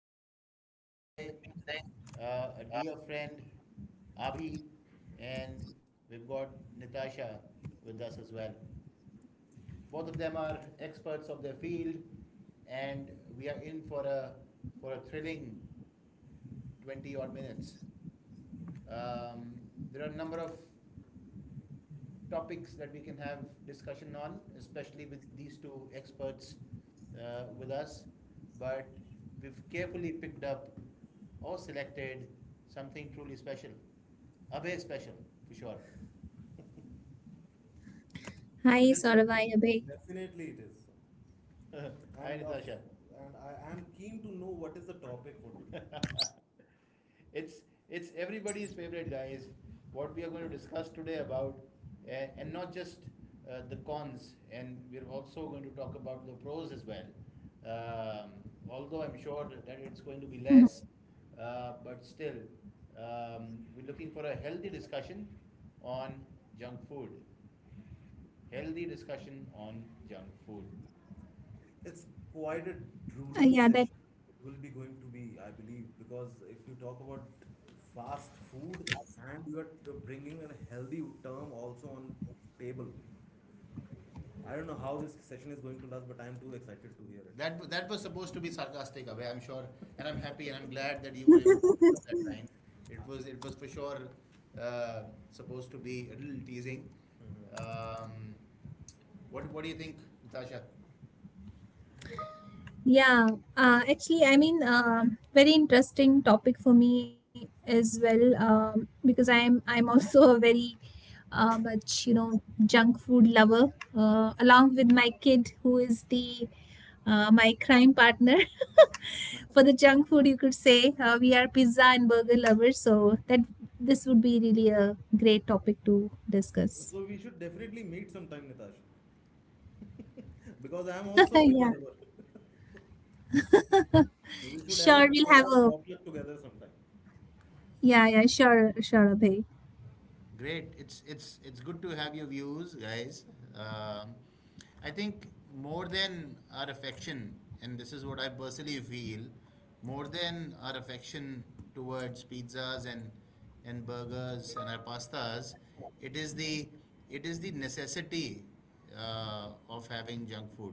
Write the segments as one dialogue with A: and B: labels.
A: hosts with me today. A dear friend, Abhi, and we've got Natasha with us as well. Both of them are experts of their field, and we are in for a thrilling 20 odd minutes. Um, there are a number of topics that we can have discussion on, especially with these two experts with us. But we've carefully picked up or selected something truly special. Abhay special, for sure.
B: Hi,
A: Isn't it,
B: Saurabh. Hi,
A: Abhay?
B: Abhay.
A: Definitely it is. Hi, and of, Natasha, and I am keen to know what is the topic for today. It's it's everybody's favorite, guys. What we are going to discuss today about, and not just the cons, and we're also going to talk about the pros as well. Um, although I'm sure that it's going to be less, but still, um, we're looking for a healthy discussion on junk food. Healthy discussion on junk food. It's quite a drooling session.
B: Yeah, that.
A: It will be going to be, I believe, because if you talk about fast food and you are bringing a healthy term also on table, I don't know how this session is going to last, but I'm too excited to hear it. That was supposed to be sarcastic, Abhay, I'm sure, and I'm happy and I'm glad that you were able to pick up that line. It was for sure uh, supposed to be a little teasing. Mhm. What do you think, Natasha?
B: Yeah, actually, I mean, very interesting topic for me as well, because I'm also a very much junk food lover, along with my kid who is the my crime partner for the junk food. You could say we are pizza and burger lovers, so that this would be really a great topic to discuss.
A: So we should definitely meet sometime, Natasha, because I am also a pizza
B: Yeah,
A: lover. We should have a
B: sure, we'll
A: kind
B: have
A: of
B: a
A: potluck together sometime.
B: yeah, yeah, sure, sure, Abhay.
A: Great. It's good to have your views, guys. Um, I think more than our affection, and this is what I personally feel, more than our affection towards pizzas and burgers and our pastas, it is the necessity of having junk food.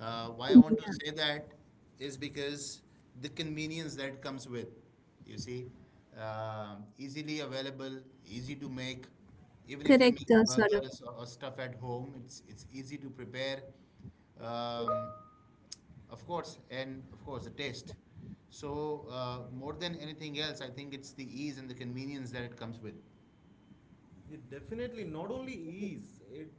A: Why I want to
B: Yeah,
A: say that is because the convenience that comes with, you see, Um easily available, easy
B: correct,
A: to make.
B: Saurabh.
A: Even if you make burgers or stuff at home, it's easy to prepare. Um, of course, and of course the taste. So more than anything else, I think it's the ease and the convenience that it comes with. It definitely not only is it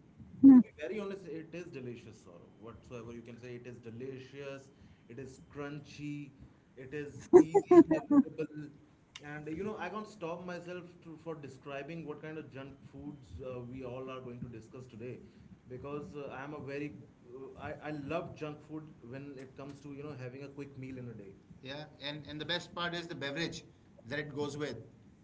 A: to be very honest, it is delicious or whatsoever you can say, it is delicious, it is crunchy, it is easily available. And you know, I can't stop myself to, for describing what kind of junk foods we all are going to discuss today because I'm a very I love junk food when it comes to you know having a quick meal in a day. Yeah, and the best part is the beverage that it goes with.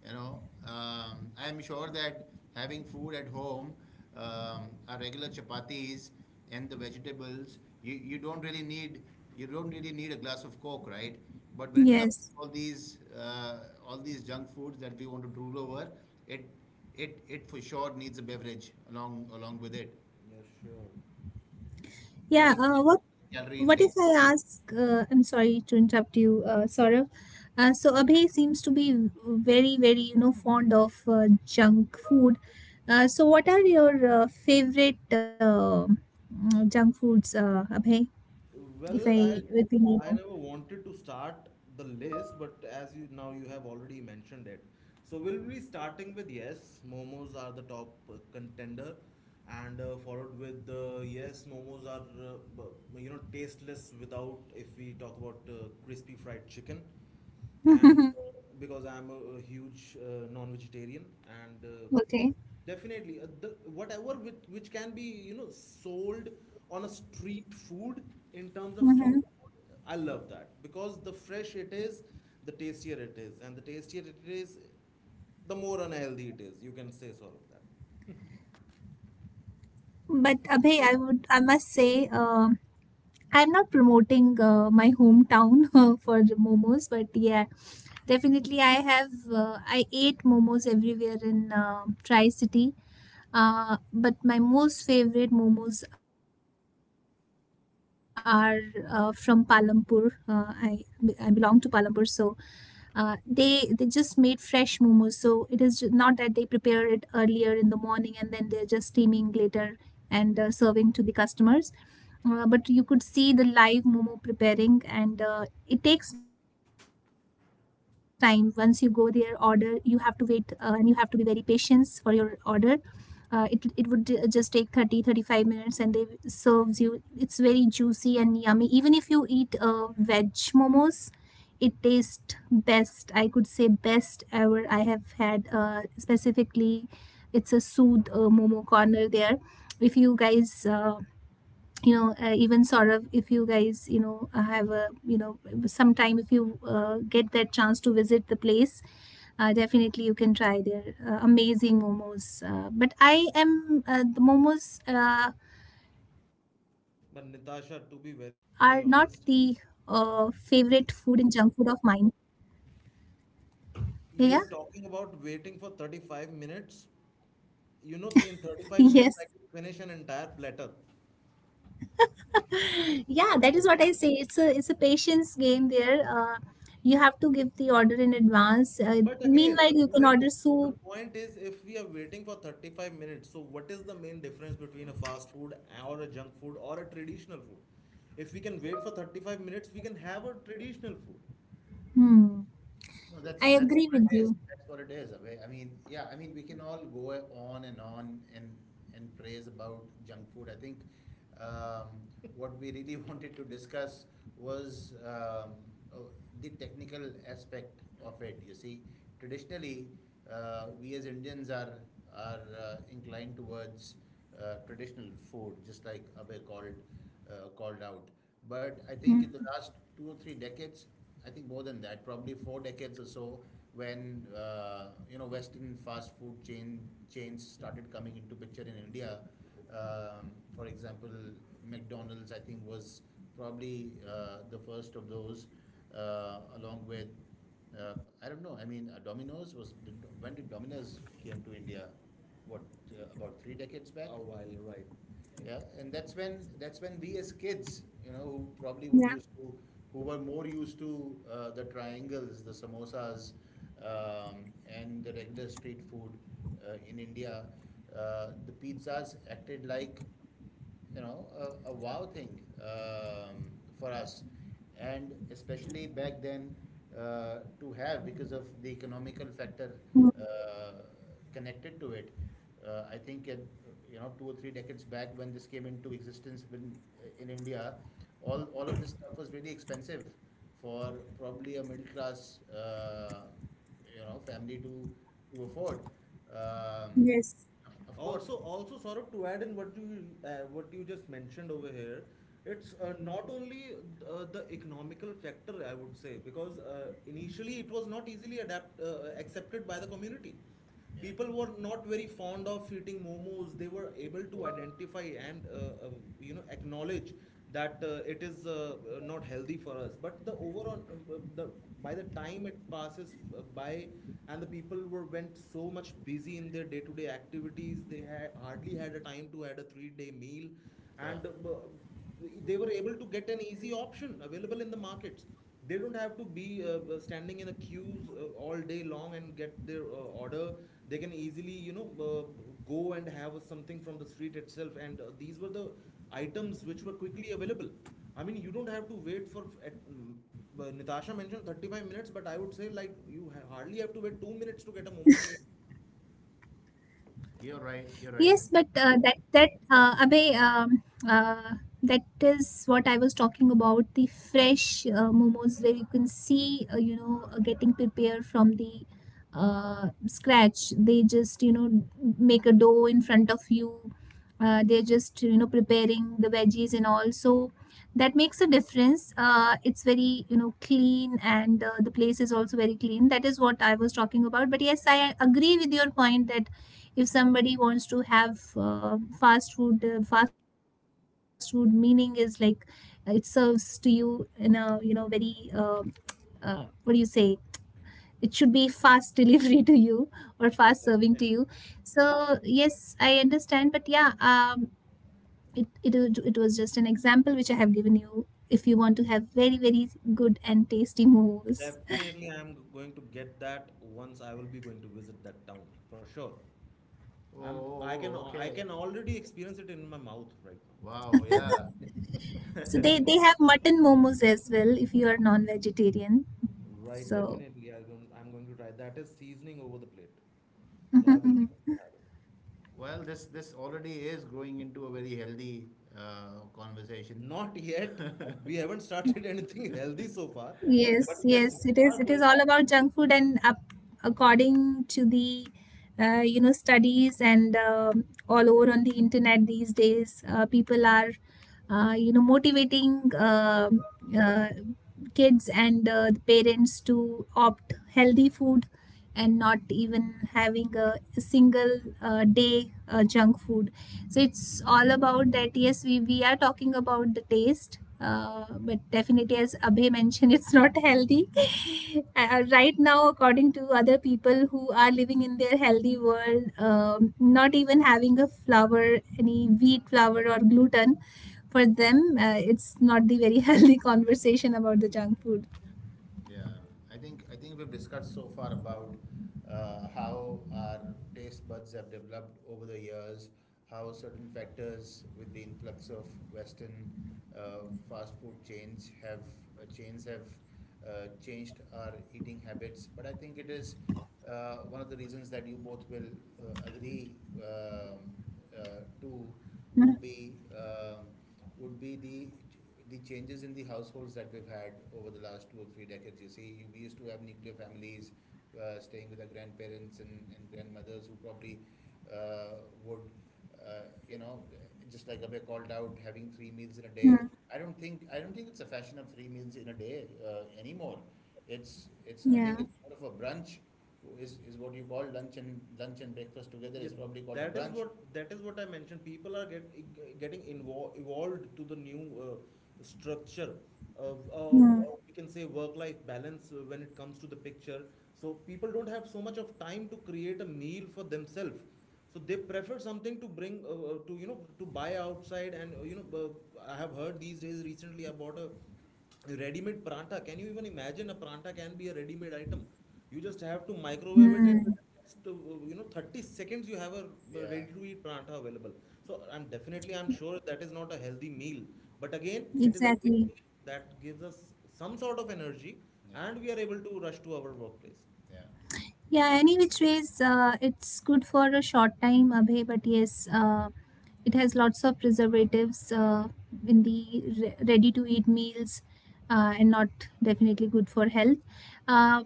A: You know, I'm sure that having food at home, our regular chapatis and the vegetables, you don't really need a glass of coke, right? But when it comes
B: Yes.
A: to all these junk foods that we want to drool over, it it for sure needs a beverage along with it. Yes, sure.
B: Yeah,
A: Adding calorie
B: what if
A: intake.
B: I ask, I'm sorry to interrupt you, Saurabh. So Abhay seems to be very, very, fond of junk food. So what are your favorite junk foods, Abhay,
A: Well, I
B: if we may
A: I
B: know?
A: never wanted to start the list, but as you now you have already mentioned it. So we'll be starting with yes, momos are the top contender, and followed with yes, momos are you know tasteless without if we talk about crispy fried chicken, and because I'm a huge non-vegetarian and
B: Okay.
A: definitely, the, whatever with which can be you know sold on a street food in terms of street,
B: Hmm.
A: I love that because the fresh it is, the tastier it is, and the tastier it is, the more unhealthy it is. You can say sort of that.
B: But Abhay, I must say, I'm not promoting my hometown for the momos, but yeah, definitely I ate momos everywhere in Tri City. But my most favorite momos are from Palampur. I belong to Palampur, so they just made fresh momos. So it is not that they prepare it earlier in the morning and then they're just steaming later and serving to the customers, but you could see the live momo preparing. And it takes time. Once you go there order, you have to wait, and you have to be very patient for your order. It would just take 30-35 minutes and they serves you. It's very juicy and yummy, even if you eat veg momos. It tastes best, I could say best ever I have had, specifically. It's a Sood momo corner there. If you guys, even sort of, if you guys, have a, sometime if you get that chance to visit the place, definitely you can try their amazing momos. But I am The momos are not
A: But
B: the
A: Natasha, to be very honest,
B: favorite food and junk food of mine. Yeah.
A: you are talking about waiting for 35 minutes. You know, in 35
B: Yes.
A: minutes I can finish an entire platter.
B: Yeah, that is what I say. It's a patience game there. You have to give the order in advance.
A: But again,
B: Meanwhile,
A: the
B: you can
A: point
B: order
A: the
B: soup.
A: point is if we are waiting for 35 minutes, so what is the main difference between a fast food or a junk food or a traditional food? If we can wait for 35 minutes, we can have a traditional food.
B: Hmm.
A: No, that's
B: I
A: that's
B: agree
A: what
B: with
A: it is.
B: you.
A: That's what it is, Abhay. I mean, yeah, I mean, we can all go on and praise about junk food. I think um, what we really wanted to discuss was uh, the technical aspect of it. You see, traditionally, we as Indians are inclined towards traditional food, just like Abhay called out.
B: Mm.
A: But I think in the last two or three decades, I think more than that, probably four decades or so, when you know Western fast food chain chains started coming into picture in India. For example, McDonald's I think was probably the first of those, along with uh, I don't know. I mean, Domino's was did, when did Domino's came to India? What about three decades back? A while, right? Yeah, and that's when we as
B: Yeah.
A: kids, you know, who probably would use to who were more used to the triangles, the samosas, um, and the regular street food in India, the pizzas acted like you know, a wow thing um, for us, and especially back then to have because of the economical
B: Mm.
A: factor uh, connected to it. I think you know two or three decades back when this came into existence when, in India, all of this stuff was really expensive for probably a middle class you know family to afford. Um,
B: Yes.
A: of course. Also, also, Saurabh, to add in what you just mentioned over here, it's not only the economical factor, I would say, because initially it was not easily adapt accepted by the community. Yeah. People were not very fond of eating momos. They were able to identify and you know acknowledge that it is not healthy for us. But the overall, the by the time it passes by and the people were went so much busy in their day-to-day activities they had hardly had a time to had a three-day meal and they were able to get an easy option available in the markets they don't have to be standing in a queues all day long and get their order they can easily you know go and have something from the street itself and these were the items which were quickly available I mean you don't have to wait for at, mm, but Natasha mentioned 35 minutes, but I would say like hardly have to wait 2 minutes to get a momo plate. You're
B: Yes,
A: right,
B: but
A: you're right.
B: that that Abhay, uh, that is what I was talking about. The fresh momos where you can see, getting prepared from the scratch. They just, make a dough in front of you. They're just, preparing the veggies and all. So that makes a difference. It's very, clean, and the place is also very clean. That is what I was talking about. But yes, I agree with your point that if somebody wants to have fast food, fast food meaning is like it serves to you in a, very, what do you say, it should be fast delivery to you, or fast serving to you. So yes, I understand. But yeah, it was just an example which I have given you. If you want to have very, very good and tasty momos,
A: Definitely, I'm going to get that once I will be going to visit that town for sure. Oh, I'm, I can Oh, I Okay. can Already experience it in my mouth right now. Wow, yeah.
B: so they have mutton momos as well if you are non vegetarian,
A: Right,
B: so
A: definitely. I'm going to try. That is seasoning over the plate. So I will be going to have it. Well, this already is growing into a very healthy conversation. Not yet. We haven't started anything healthy so far.
B: Yes,
A: But yes,
B: yes, it
A: we
B: is.
A: are
B: It is
A: going to.
B: all about junk food, and up, according to the studies, and all over on the internet these days, people are, motivating, uh, kids and the parents to opt healthy food, and not even having a single day junk food. So it's all about that. Yes, we are talking about the taste, but definitely, as Abhay mentioned, it's not healthy. Right now, according to other people who are living in their healthy world, not even having a flour, any wheat flour or gluten. For them, it's not the very healthy conversation about the junk food.
A: Yeah, I think we've discussed so far about how our taste buds have developed over the years, how certain factors with the influx of Western fast food chains have changed our eating habits. But I think it is one of the reasons that you both will agree
B: Mhm.
A: to would be um, would be the changes in the households that we've had over the last two or three decades. You see, we used to have nuclear families staying with their grandparents and grandmothers who probably uh, would, you know, just like Abhay called out, having three meals in a
B: Mhm.
A: day. I don't think it's a fashion of three meals in a day anymore. It's I
B: Yeah.
A: think it's more of a brunch is what you call lunch and breakfast together yes, is probably called. That is what I mentioned. People are getting involved evolved to the new structure,
B: Mhm.
A: or we can say work-life balance when it comes to the picture. So people don't have so much of time to create a meal for themselves. So they prefer something to bring to to buy outside and I have heard these days recently I bought a ready-made paratha. Can you even imagine a paratha can be a ready-made item? You just have to microwave it, and
B: Hmm.
A: within the next 30 seconds you have a. Yeah. Ready-to-eat paratha available. So I'm sure that is not a healthy meal, but again it is a quick
B: Exactly.
A: meal that gives us some sort of energy. Yeah. And we are able to rush to our workplace. Yeah.
B: Yeah, any which ways, it's good for a short time, Abhay, but yes, it has lots of preservatives in the ready to eat meals, and not definitely good for health. Uh,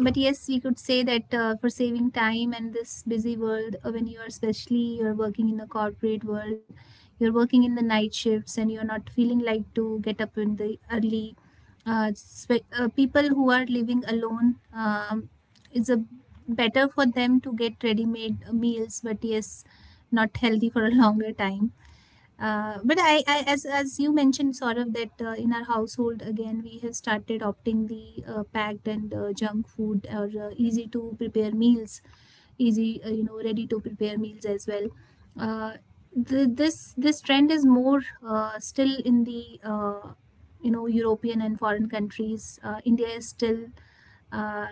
B: but yes, we could say that for saving time, and this busy world, when you are, especially you're working in the corporate world, you're working in the night shifts, and you're not feeling like to get up in the early, people who are living alone, it's a better for them to get ready made meals. But yes, not healthy for a longer time. But I, as you mentioned, sort of that, in our household, again we have started opting the packed and junk food, or
A: Yeah.
B: easy to prepare meals, easy, ready to prepare meals as well. Uh, this trend is more, still in the, European and foreign countries. India is still uh,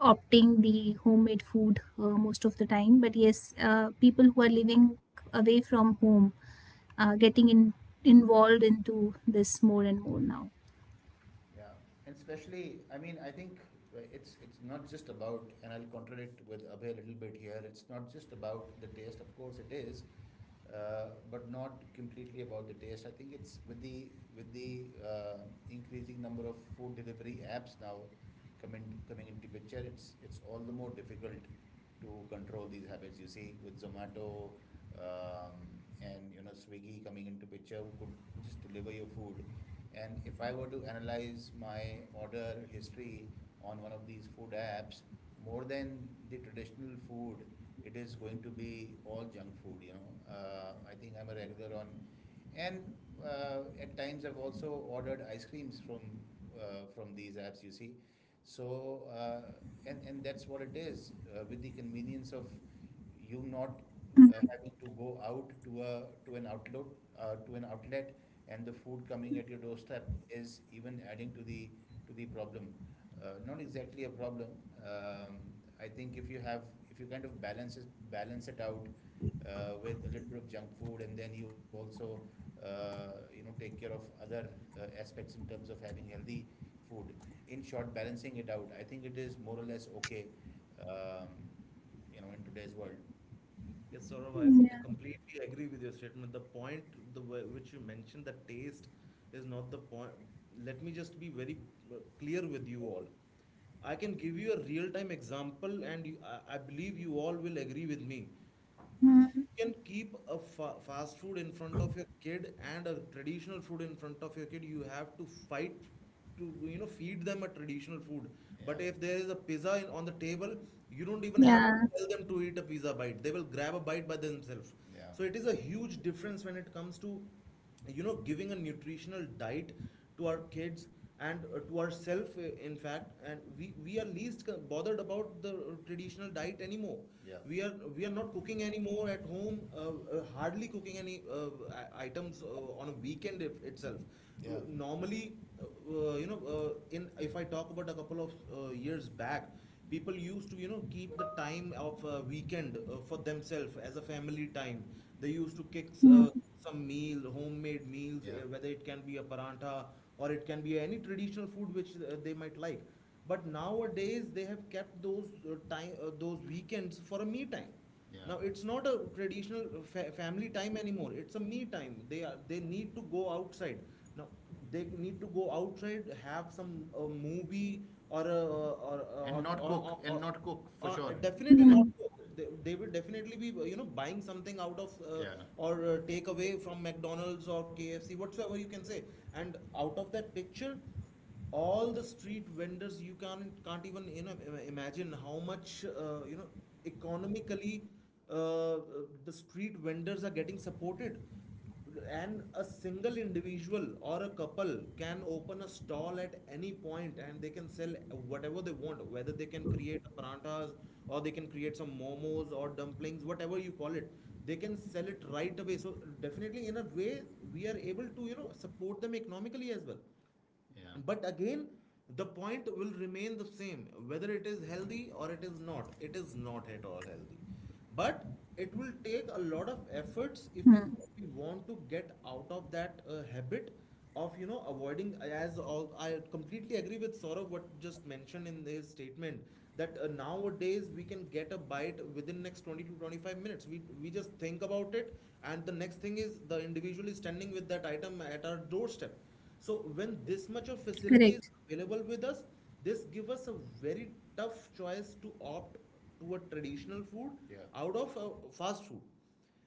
B: opting the homemade food most of the time. But yes, people who are living away from home, uh, getting in, involved into this more and more now.
A: Yeah, and especially, I mean, I think it's not just about — and I'll contradict with Abhay a little bit here. It's not just about the taste. Of course, it is, but not completely about the taste. I think it's with the with the uh, increasing number of food delivery apps now coming into picture. It's all the more difficult to control these habits. You see, with Zomato, um, and Swiggy coming into picture, who could just deliver your food. And if I were to analyze my order history on one of these food apps, more than the traditional food, it is going to be all junk food. You know, I think I'm a regular on, and at times I've also ordered ice creams from these apps. You see, so and that's what it is, with the convenience of you not having to go out to a to an outlet to an outlet, and the food coming at your doorstep is even adding to the problem. Not exactly a problem. Um, I think if you have — if you kind of balance it out with a little bit of junk food, and then you also take care of other aspects in terms of having healthy food. In short, balancing it out, I think it is more or less okay, um, you know, in today's world. Yes, Saurav, I
B: Yeah.
A: completely agree with your statement. The point, the which you mentioned, the taste is not the point. Let me just be very clear with you all. I can give you a real-time example, and I believe you all will agree with me.
B: Hmm.
A: You can keep a fast food in front of your kid and a traditional food in front of your kid. You have to fight to feed them a traditional food, but. Yeah. If there is a pizza in, on the table, you don't even have
B: Yeah.
A: to tell them to eat a pizza bite. They will grab a bite by themselves. Yeah. So it is a huge difference when it comes to giving a nutritional diet to our kids and to ourselves, in fact, and we are least bothered about the traditional diet anymore. Yeah. We are not cooking anymore at home, hardly cooking any items on a weekend, if, itself. Yeah. Normally you know in if I talk about a couple of years back, people used to keep the time of weekend for themselves as a family time. They used to
B: Hmm.
A: kick uh, some meal, homemade meals. Yeah. Whether it can be a parantha, or it can be any traditional food which they might like. But nowadays they have kept those those weekends for a me time. Yeah. Now it's not a traditional family time anymore. It's a me time. They need to go outside. Now, or they need to go outside, have some movie, or cook, or- and or- not cook, for or sure. Definitely not.
B: Hmm.
A: They will definitely be buying something out of Yeah. Or take away from McDonald's or KFC, whatsoever you can say, and out of that picture, all the street vendors. You can't even imagine how much economically the street vendors are getting supported. And a single individual or a couple can open a stall at any point, and they can sell whatever they want, whether they can create paranthas or they can create some momos or dumplings, whatever you call it. They can sell it right away. So definitely in a way we are able to support them economically as well. Yeah.
B: Correct.
A: But
B: Correct.
A: again, the point will remain the same, whether it is healthy or it is not. It is not at all healthy, but it will take a lot of
B: Hmm.
A: efforts if if we want to get out of that habit of avoiding, as all I completely agree with Saurav what just mentioned in his statement, that nowadays we can get a bite within next 20 to 25 minutes. We just think about it, and the next thing is the individual is standing with that item at our doorstep. So when this much of facility is available with us,
B: Correct.
A: this give us a very tough choice to opt to a traditional food. Yeah. Out of fast food,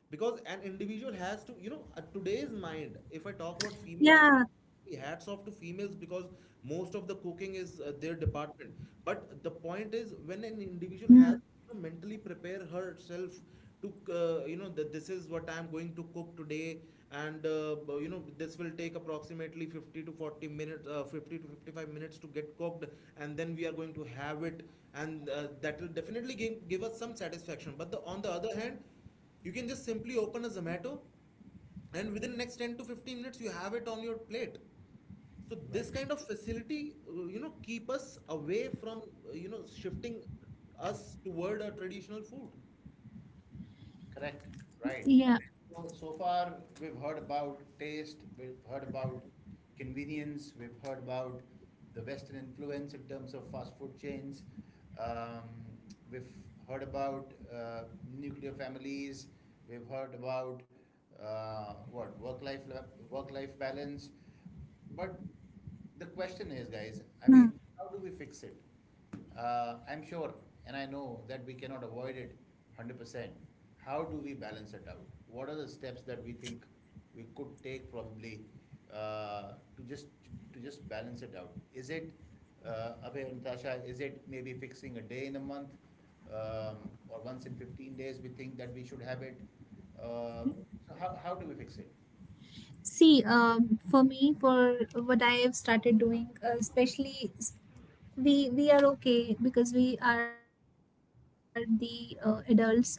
A: because an individual has to at today's mind, if I talk about females, I
B: Yeah.
A: hats off to females, because most of the cooking is their department. But the point is, when an individual has
B: Hmm.
A: to mentally prepare herself to that this is what I am going to cook today, and this will take approximately 50 to 40 minutes, 50 to 55 minutes to get cooked, and then we are going to have it, and that will definitely give us some satisfaction. But on the other hand, you can just simply open a Zomato, and within next 10 to 15 minutes you have it on your plate. So this. Right. Kind of facility, keep us away from shifting us toward a traditional food. Correct, right. I mean, so so
B: Yeah.
A: far, we've heard about taste, we've heard about convenience, we've heard about the Western influence in terms of fast food chains. Um, we've heard about nuclear families. We've heard about what work-life balance. But the question is,
B: Hmm.
A: guys, I mean, how do we fix it? I'm sure, and I know that we cannot avoid it 100%. How do we balance it out? What are the steps that we think we could take, probably uh, to just to just balance it out? Is it Abhay and Natasha? Is it maybe fixing a day in a month, um, or once in 15 days we think that we should have it? Uh, so how do we fix it?
B: See, for me, for what I have started doing, especially we are okay because we are the adults, and we know our limits,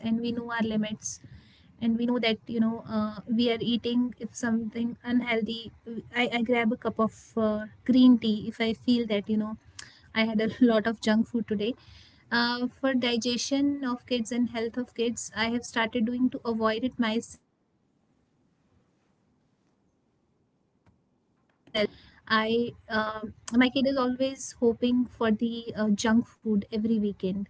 B: and we know that, we are eating if something unhealthy, I grab a cup of green tea if I feel that, I had a lot of junk food today. For digestion of kids and health of kids, I have started doing to avoid it myself, while I'm at home, especially on the weekends. I My kid is always hoping for the junk food every weekend,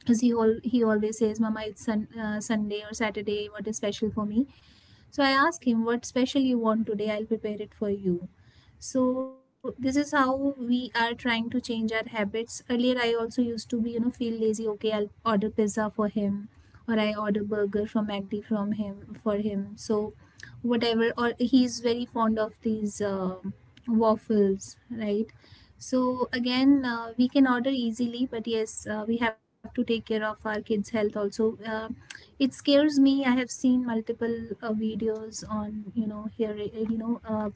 B: because he always says, "Mama, it's Sunday or Saturday. What is special for me?" So I asked him, "What special you want today? I'll prepare it for you." So this is how we are trying to change our habits. Earlier, I also used to be, feel lazy. Okay, I'll order pizza for him, or I order burger from McD from him for him. So whatever, or he's very fond of these waffles, right? So again, we can order easily, but yes, we have to take care of our kids' health also. It scares me. I have seen multiple videos on, here,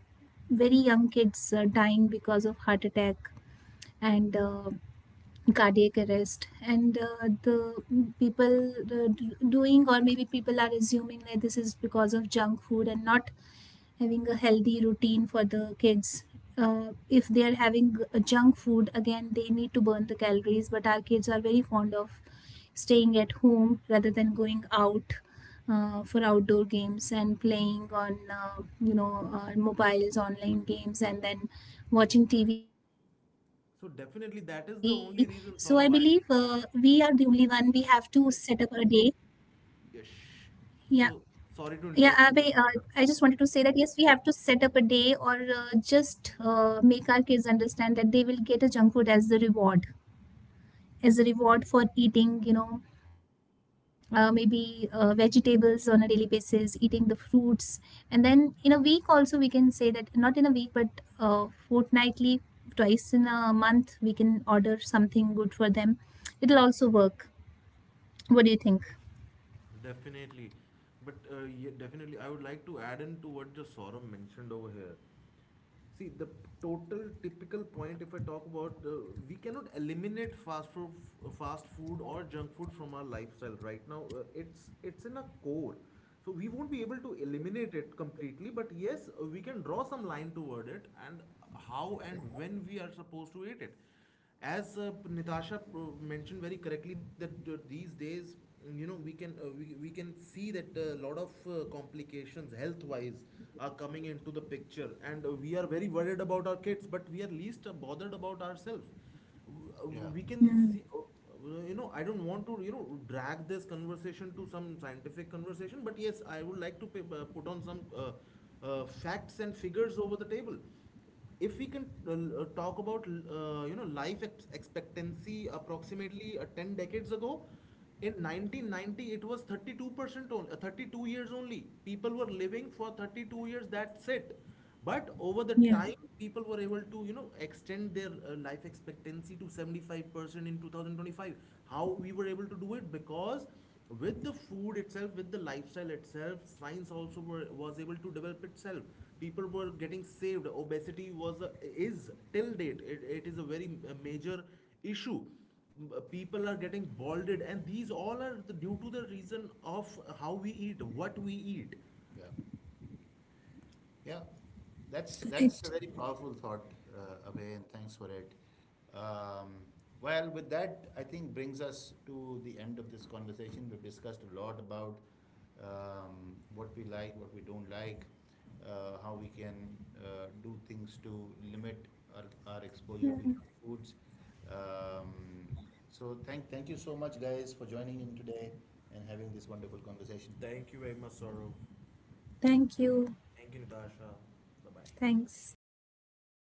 B: very young kids dying because of heart attack and cardiac arrest, and the people, doing, or maybe people are assuming that this is because of junk food and not having a healthy routine for the kids. If they are having junk food, again, they need to burn the calories. But our kids are very fond of staying at home rather than going out, for outdoor games, and playing on, mobiles, online games, and then watching TV. So I believe
A: So definitely
B: we
A: that
B: are
A: is the
B: the
A: only
B: only
A: reason,
B: one. We
A: Saurav, I
B: have
A: believe.
B: to set up a day. Yeah,
A: Yes.
B: yeah,
A: So
B: Abhay,
A: sorry to
B: I just
A: interrupt
B: wanted
A: you,
B: to say that
A: Natasha.
B: yes, we have to set up a day, or just make our kids understand that they will get a junk food as as a reward for eating, maybe vegetables on a daily basis, eating the fruits. And then in a week also, we can say that not in a week, but uh, fortnightly, twice in a month, we can order something good for them. It'll also work. What do you think?
A: Definitely. But yeah, definitely, I would like to add in to what just Saurabh mentioned over here. See, the total typical point, if I talk about the, we cannot eliminate fast food or junk food from our lifestyle right now. It's in a core, so we won't be able to eliminate it completely. But yes, we can draw some line toward it, and how and when we are supposed to eat it, as Natasha mentioned very correctly, that these days we can we can see that a lot of complications health wise are coming into the picture, and we are very worried about our kids, but we are least bothered about ourselves. Yeah. We can see I don't want to drag this conversation to some scientific conversation, but yes, I would like to put on some facts and figures over the table. If we can talk about, life expectancy approximately 10 decades ago, in 1990 it was 32% only, 32 years only, people were living for 32 years, that's it. But over the
B: Yeah.
A: time people were able to extend their life expectancy to 75% in 2025. How we were able to do it? Because with the food itself, with the lifestyle itself, science also was able to develop itself. People were getting saved. Obesity is till date, it is a very major issue. Uh, people are getting balded, and these all are due to the reason of how we eat, what we eat. Yeah. Yeah, that's a very powerful thought, Abhay, and thanks for it. Um, well, with that, I think brings us to the end of this conversation. We've discussed a lot about what we like, what we don't like, how we can do things to limit our, our exposure to junk foods. Um, so thank you so much, guys, for joining in today and having this wonderful conversation. Thank you very much, Saurav.
B: Thank you.
A: Thank you, Natasha. Bye bye.
B: Thanks. Bye bye.